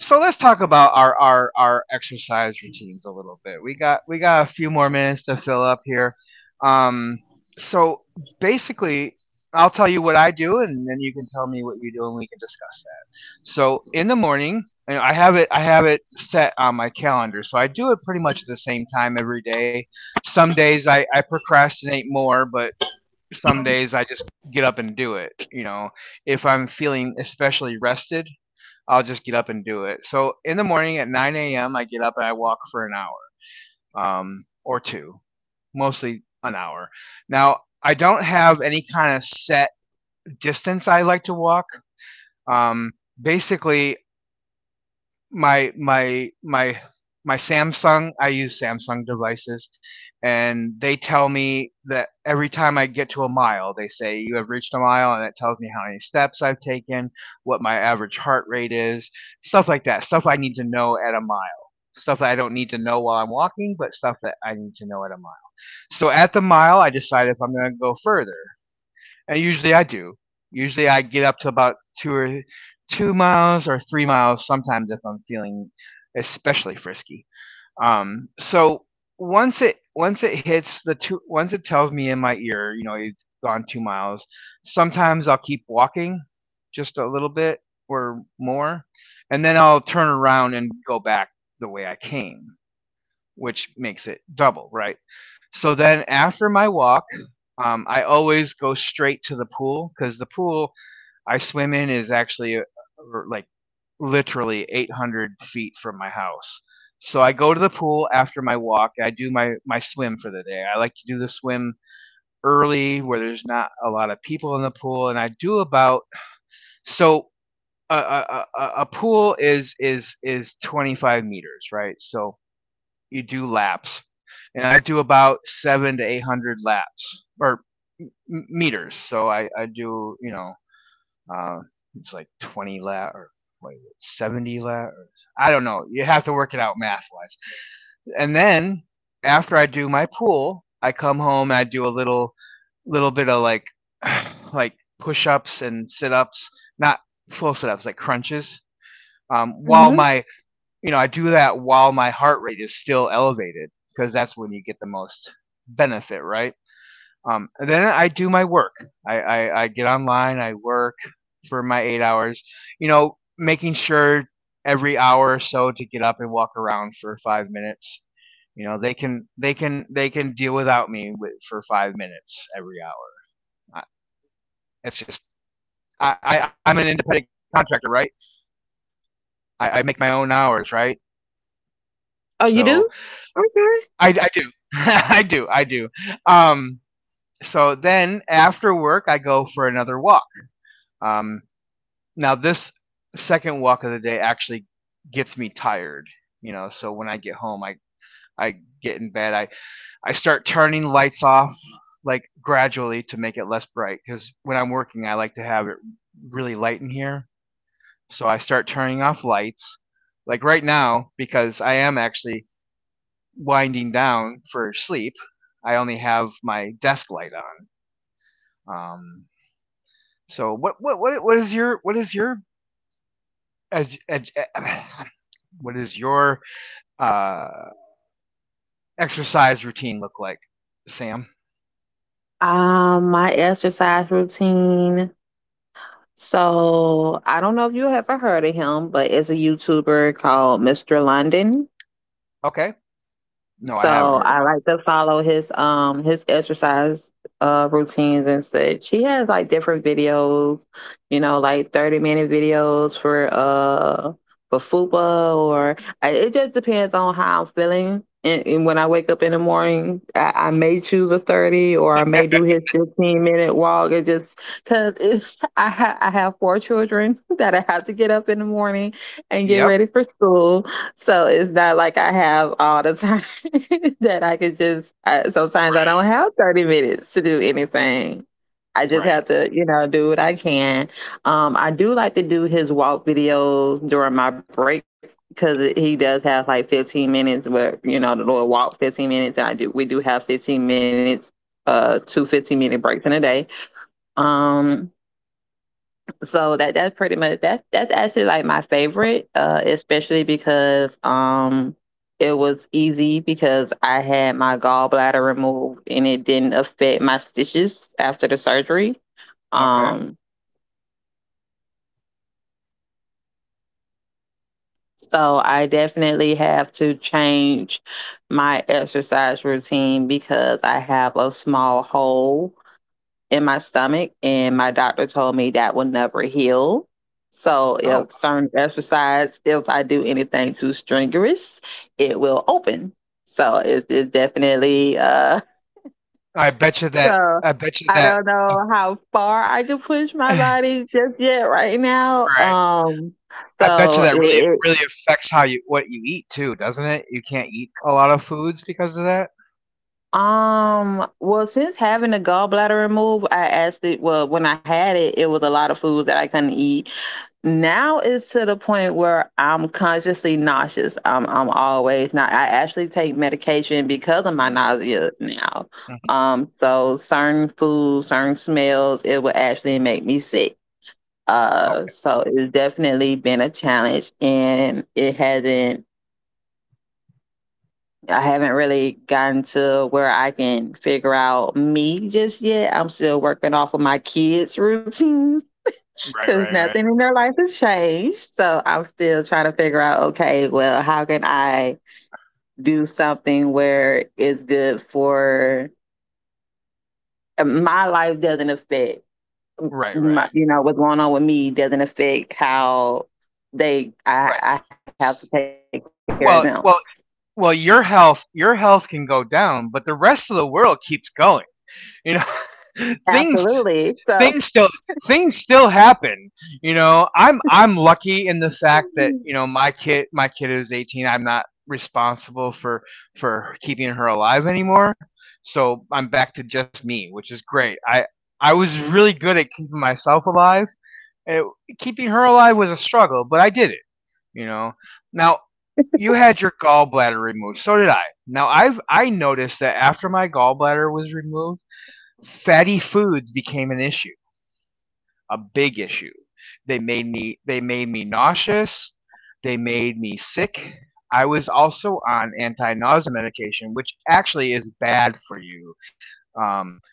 [SPEAKER 1] So let's talk about our exercise routines a little bit. We got a few more minutes to fill up here. Um, so basically, I'll tell you what I do, and then you can tell me what you do, and we can discuss. So in the morning, and I have it set on my calendar. So I do it pretty much at the same time every day. Some days I procrastinate more, but some days I just get up and do it. You know, if I'm feeling especially rested, I'll just get up and do it. So in the morning at 9 a.m., I get up and I walk for an hour, or two, mostly an hour. Now, I don't have any kind of set distance I like to walk. Um, basically, my my my my Samsung, I use Samsung devices, and they tell me that every time I get to a mile, they say you have reached a mile, and it tells me how many steps I've taken, what my average heart rate is, stuff like that. Stuff I need to know at a mile. Stuff that I don't need to know while I'm walking, but stuff that I need to know at a mile. So at the mile, I decide if I'm going to go further, and usually I do. Usually I get up to about two miles or 3 miles sometimes if I'm feeling especially frisky. Um, so once it hits the two, once it tells me in my ear, you know, you've gone 2 miles. Sometimes I'll keep walking just a little bit or more, and then I'll turn around and go back the way I came, which makes it double, right? So then after my walk, I always go straight to the pool because the pool I swim in is actually like literally 800 feet from my house. So I go to the pool after my walk. I do my swim for the day. I like to do the swim early where there's not a lot of people in the pool, and I do about so a pool is is 25 meters, right? So you do laps, and I do about 7 to 800 laps or meters. So I do, you know, uh, it's like 20 laps or wait, 70 laps. I don't know. You have to work it out math wise. And then after I do my pool, I come home and I do a little bit of like like push ups and sit ups, not full sit ups, like crunches. While
[SPEAKER 2] Mhm.
[SPEAKER 1] my, you know, I do that while my heart rate is still elevated because that's when you get the most benefit, right? And then I do my work. I get online, I work for my 8 hours, you know, making sure every hour or so to get up and walk around for 5 minutes. You know, they can they can deal without me for 5 minutes every hour. It's just I'm an independent contractor, right? I make my own hours, right?
[SPEAKER 2] Oh, you
[SPEAKER 1] So
[SPEAKER 2] do? Okay.
[SPEAKER 1] I do. I do. I do. Um, so then after work, I go for another walk. Um, now, this second walk of the day actually gets me tired. You know, so when I get home, I get in bed. I start turning lights off, like gradually to make it less bright. Because when I'm working, I like to have it really light in here. So I start turning off lights. Like right now, because I am actually winding down for sleep, I only have my desk light on. Um, so what is your as, ed- what is your uh, exercise routine look like, Sam?
[SPEAKER 2] My exercise routine. So I don't know if you ever heard of him, but it's a YouTuber called Mr. London.
[SPEAKER 1] Okay, no, I
[SPEAKER 2] So
[SPEAKER 1] haven't
[SPEAKER 2] I
[SPEAKER 1] heard
[SPEAKER 2] like
[SPEAKER 1] of
[SPEAKER 2] to
[SPEAKER 1] it.
[SPEAKER 2] follow his exercise routines and such. He has like different videos, you know, like 30-minute videos for for fupa or it just depends on how I'm feeling. And when I wake up in the morning, I may choose a 30, or I may do his 15-minute walk. It just because it's I have four children that I have to get up in the morning and get ready for
[SPEAKER 1] Yep,
[SPEAKER 2] school. So it's not like I have all the time that I could just. I, sometimes I don't have 30 minutes to do anything. I just have
[SPEAKER 1] right.
[SPEAKER 2] to, you know, do what I can. I do like to do his walk videos during my break because he does have like 15 minutes. Where you know the Lord walk 15 minutes, and I do. We do have 15 minutes, 2 15 minute breaks in a day. Um, so that that's pretty much that. That's actually like my favorite, especially because it was easy because I had my gallbladder removed and it didn't affect my stitches after the surgery.
[SPEAKER 1] Okay.
[SPEAKER 2] Um, so I definitely have to change my exercise routine because I have a small hole in my stomach and my doctor told me that will never heal. So if
[SPEAKER 1] Oh,
[SPEAKER 2] certain exercise, if I do anything too strenuous, it will open. So it's definitely so
[SPEAKER 1] I bet you
[SPEAKER 2] I don't
[SPEAKER 1] that
[SPEAKER 2] know how far I could push my body just yet right now.
[SPEAKER 1] right. I bet you
[SPEAKER 2] So it,
[SPEAKER 1] that really
[SPEAKER 2] it
[SPEAKER 1] really affects how you what you eat too, doesn't it? You can't eat a lot of foods because of that.
[SPEAKER 2] well since having a gallbladder removed, I actually well when I had it, it was a lot of food that I couldn't eat. Now it's to the point where I'm consciously nauseous. I'm always not I actually take medication because of my
[SPEAKER 1] Hmm.
[SPEAKER 2] nausea now.
[SPEAKER 1] Hmm.
[SPEAKER 2] So certain foods, certain smells, it will actually make me sick.
[SPEAKER 1] Okay.
[SPEAKER 2] So it's definitely been a challenge, and it hasn't. I haven't really gotten to where I can figure out me just yet. I'm still working off of my kids' routines
[SPEAKER 1] Right,
[SPEAKER 2] because nothing in their life has changed. So I'm still trying to figure out. Okay, well, how can I do something where it's good for my life doesn't affect
[SPEAKER 1] right.
[SPEAKER 2] my, you know what's going on with me doesn't affect how they I,
[SPEAKER 1] Right.
[SPEAKER 2] I have to take care of them.
[SPEAKER 1] Well, well, well. Your health can go down, but the rest of the world keeps going. You know,
[SPEAKER 2] Absolutely. So,
[SPEAKER 1] things still, things still happen. You know, I'm lucky in the fact that you know my kid is 18. I'm not responsible for keeping her alive anymore. So I'm back to just me, which is great. I was really good at keeping myself alive and keeping her alive was a struggle, but I did it, you know. Now you had your gallbladder removed. So did I. Now I noticed that after my gallbladder was removed, fatty foods became an issue, a big issue. They made me they made me nauseous. They made me sick. I was also on anti-nausea medication, which actually is bad for you. Um,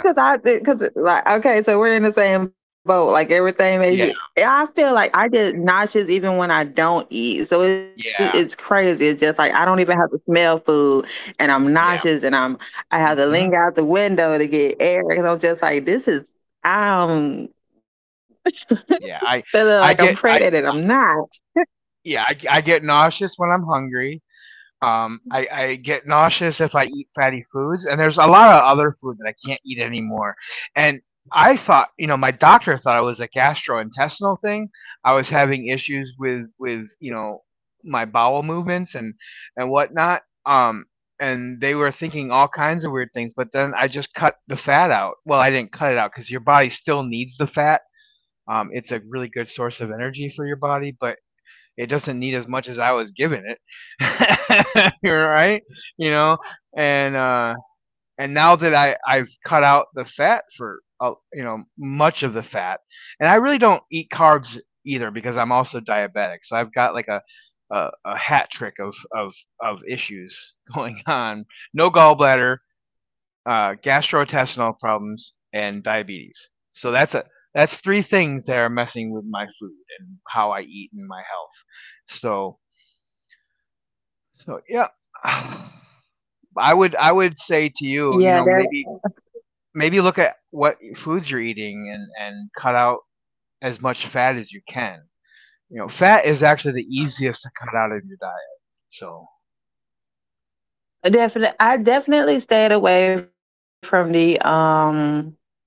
[SPEAKER 2] it
[SPEAKER 1] uh,
[SPEAKER 2] is because I because like okay, so we're in the same boat. Like everything makes
[SPEAKER 1] yeah,
[SPEAKER 2] you. I feel like I get nauseous even when I don't eat. So it's
[SPEAKER 1] yeah,
[SPEAKER 2] crazy. It's just like I don't even have to smell food, and I'm
[SPEAKER 1] yeah,
[SPEAKER 2] nauseous, and I'm I have to
[SPEAKER 1] hmm,
[SPEAKER 2] linger out the window to get air because I'm just like this is. Um,
[SPEAKER 1] yeah. I
[SPEAKER 2] feeling like I'm
[SPEAKER 1] I get
[SPEAKER 2] pregnant
[SPEAKER 1] I
[SPEAKER 2] and I'm not.
[SPEAKER 1] yeah, I get nauseous when I'm hungry. I get nauseous if I eat fatty foods, and there's a lot of other food that I can't eat anymore. And I thought, my doctor thought it was a gastrointestinal thing. I was having issues with my bowel movements and whatnot. And they were thinking all kinds of weird things. But then I just cut the fat out. Well, I didn't cut it out because your body still needs the fat. It's a really good source of energy for your body, but it doesn't need as much as I was giving it. You're right, you know, and and now that I've cut out the fat for you know, much of the fat, and I really don't eat carbs either because I'm also diabetic, so I've got like a hat trick of issues going on. No gallbladder, gastrointestinal problems, and diabetes. So that's three things that are messing with my food and how I eat and my health. So so yeah, I I would say to
[SPEAKER 2] Yeah,
[SPEAKER 1] you, you know, maybe maybe look at what foods you're eating and cut out as much fat as you can. You know, fat is actually the easiest to cut out of your diet. So
[SPEAKER 2] definitely. I definitely stayed away from the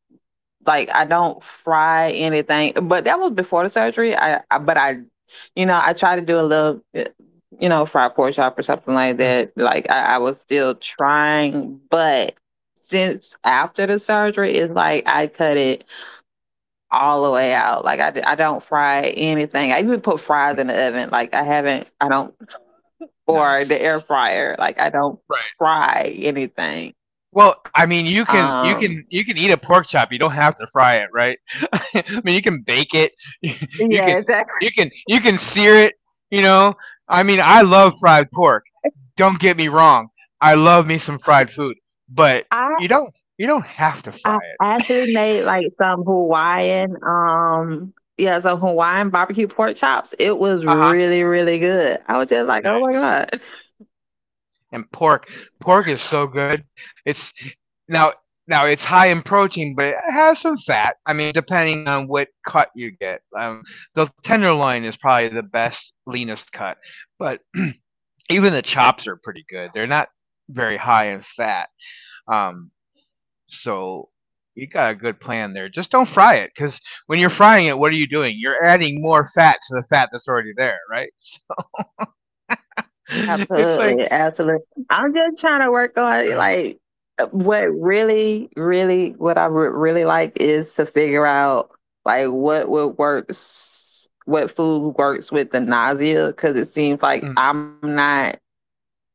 [SPEAKER 2] like I don't fry anything. But that was before the surgery. You know, I tried to do a little, you know, fried pork chop or something like that.
[SPEAKER 1] mhm.
[SPEAKER 2] Like I was still trying, but since after the surgery, it's like I cut it all the way out. Like I don't fry anything. I even put fries in the oven. Like I haven't. I don't or
[SPEAKER 1] Nice,
[SPEAKER 2] the air fryer. Like I don't
[SPEAKER 1] right?
[SPEAKER 2] fry anything.
[SPEAKER 1] Well, I mean, you
[SPEAKER 2] Um
[SPEAKER 1] can you can you can eat a pork chop. You don't have to fry it, right? I mean, you can bake it.
[SPEAKER 2] Yeah,
[SPEAKER 1] You can
[SPEAKER 2] exactly.
[SPEAKER 1] you can sear it. You know, I mean, I love fried pork. Don't get me wrong. I love me some fried food, but
[SPEAKER 2] I
[SPEAKER 1] you don't you don't have to
[SPEAKER 2] I
[SPEAKER 1] fry it.
[SPEAKER 2] actually made like some Hawaiian some Hawaiian barbecue pork chops. It was
[SPEAKER 1] Uh huh.
[SPEAKER 2] really, really good. I was just like, oh my
[SPEAKER 1] Nice.
[SPEAKER 2] God.
[SPEAKER 1] And pork, pork is so good. It's now now it's high in protein, but it has some fat. I mean, depending on what cut you get, the tenderloin is probably the best leanest cut, but even the chops are pretty good. They're not very high in fat. Um, So you got a good plan there. Just don't fry it, because when you're frying it, what are you doing? You're adding more fat to the fat that's already there, right? So it's like
[SPEAKER 2] Absolutely, absolutely. I'm just trying to work on like what really, really, what I would really like is to figure out like what would works, what food works with the nausea because it seems like
[SPEAKER 1] mm,
[SPEAKER 2] I'm not.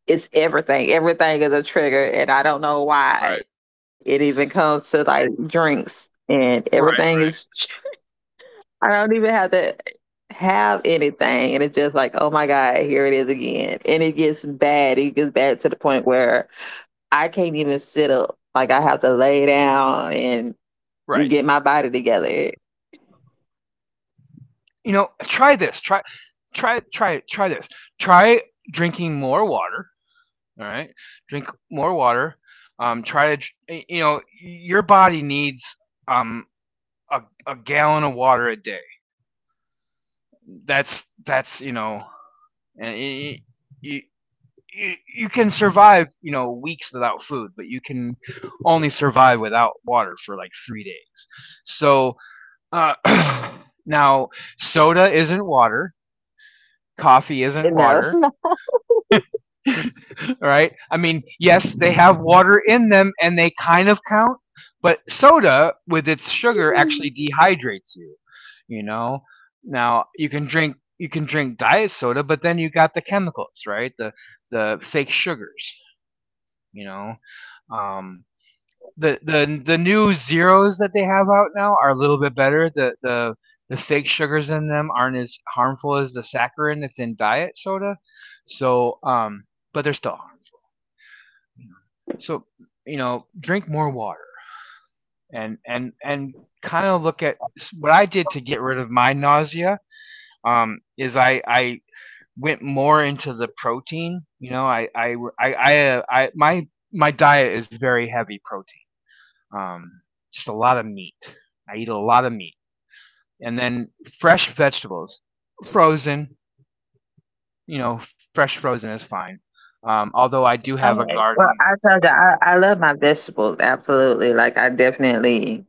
[SPEAKER 2] It's everything. Everything is a trigger, and I don't know why
[SPEAKER 1] right,
[SPEAKER 2] it even comes to like drinks and
[SPEAKER 1] right,
[SPEAKER 2] everything is I don't even have to have anything. And it's just like, oh my God, here it is again. And it gets bad. It gets bad to the point where I can't even sit up. Like I have to lay down and
[SPEAKER 1] right.
[SPEAKER 2] get my body together.
[SPEAKER 1] You know, try this. Try, try, try this. Try drinking more water. All right, drink more water. Um, try to, dr- you know, your body needs um a, a gallon of water a day. That's, you know, and you you, you can survive, you know, weeks without food, but you can only survive without water for like three days. So uh, now, soda isn't water, coffee isn't
[SPEAKER 2] No, it's
[SPEAKER 1] water,
[SPEAKER 2] not.
[SPEAKER 1] right? I mean, yes, they have water in them, and they kind of count, but soda with its sugar actually dehydrates you. You know, now you can drink diet soda, but then you got the chemicals, right? The fake sugars. You know, um, the new zeros that they have out now are a little bit better. The fake sugars in them aren't as harmful as the saccharin that's in diet soda. So, but they're still harmful. You know? So, you know, drink more water and kind of look at what I did to get rid of my nausea. Is I went more into the protein. You know, I my diet is very heavy protein. Um, just a lot of meat. I eat a lot of meat, and then fresh vegetables, frozen. You know, fresh frozen is fine. Although I do have a
[SPEAKER 2] Okay. Well,
[SPEAKER 1] garden,
[SPEAKER 2] I told you, I love my vegetables. Absolutely. Like, I definitely,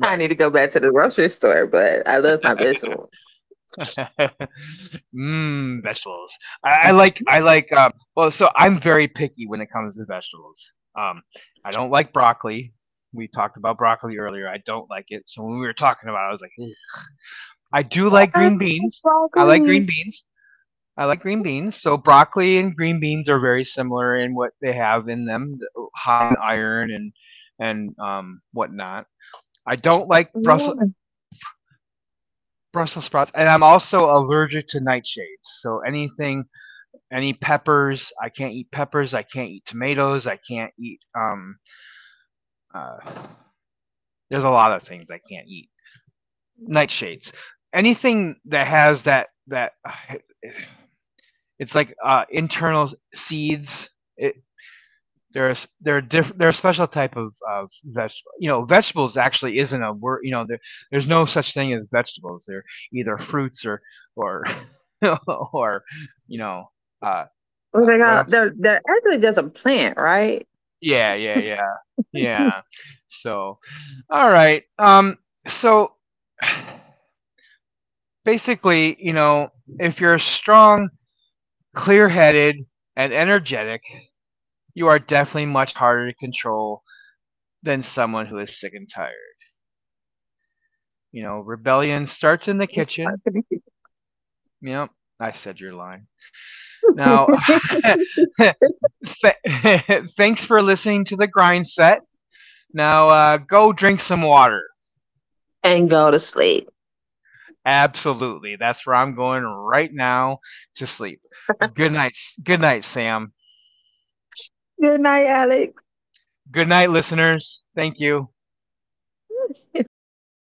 [SPEAKER 2] I need to go back to the grocery store, but I love my vegetables.
[SPEAKER 1] Mmm, vegetables. So I'm very picky when it comes to vegetables. Um, I don't like broccoli. We talked about broccoli earlier. I don't like it. So when we were talking about it, I was like, "Ugh." I do like green beans. I like green
[SPEAKER 2] Broccoli.
[SPEAKER 1] beans. I like green beans. So broccoli and green beans are very similar in what they have in them, high in iron and whatnot. I don't like Brussels sprouts, and I'm also allergic to nightshades. So anything, any peppers, I can't eat peppers. I can't eat tomatoes. I can't eat. Uh, there's a lot of things I can't eat. Nightshades. Anything that has that it's like internal seeds it, there's they're a special type of vegetable. You know, vegetables actually isn't a word. You know, there's no such thing as vegetables. They're either fruits or or you know uh,
[SPEAKER 2] Oh
[SPEAKER 1] uh
[SPEAKER 2] my
[SPEAKER 1] what
[SPEAKER 2] God!
[SPEAKER 1] else?
[SPEAKER 2] They're actually just a plant, right?
[SPEAKER 1] Yeah, yeah, yeah, yeah. So all right. So basically, you know, if you're strong, clear-headed, and energetic, you are definitely much harder to control than someone who is sick and tired. You know, rebellion starts in the kitchen. Yep, I said your line. Now, th- thanks for listening to the grind set. Now, go drink some water.
[SPEAKER 2] And go to sleep.
[SPEAKER 1] Absolutely, that's where I'm going right now to sleep. Good night, good night, Sam.
[SPEAKER 2] Good night, Alex.
[SPEAKER 1] Good night, listeners. Thank you.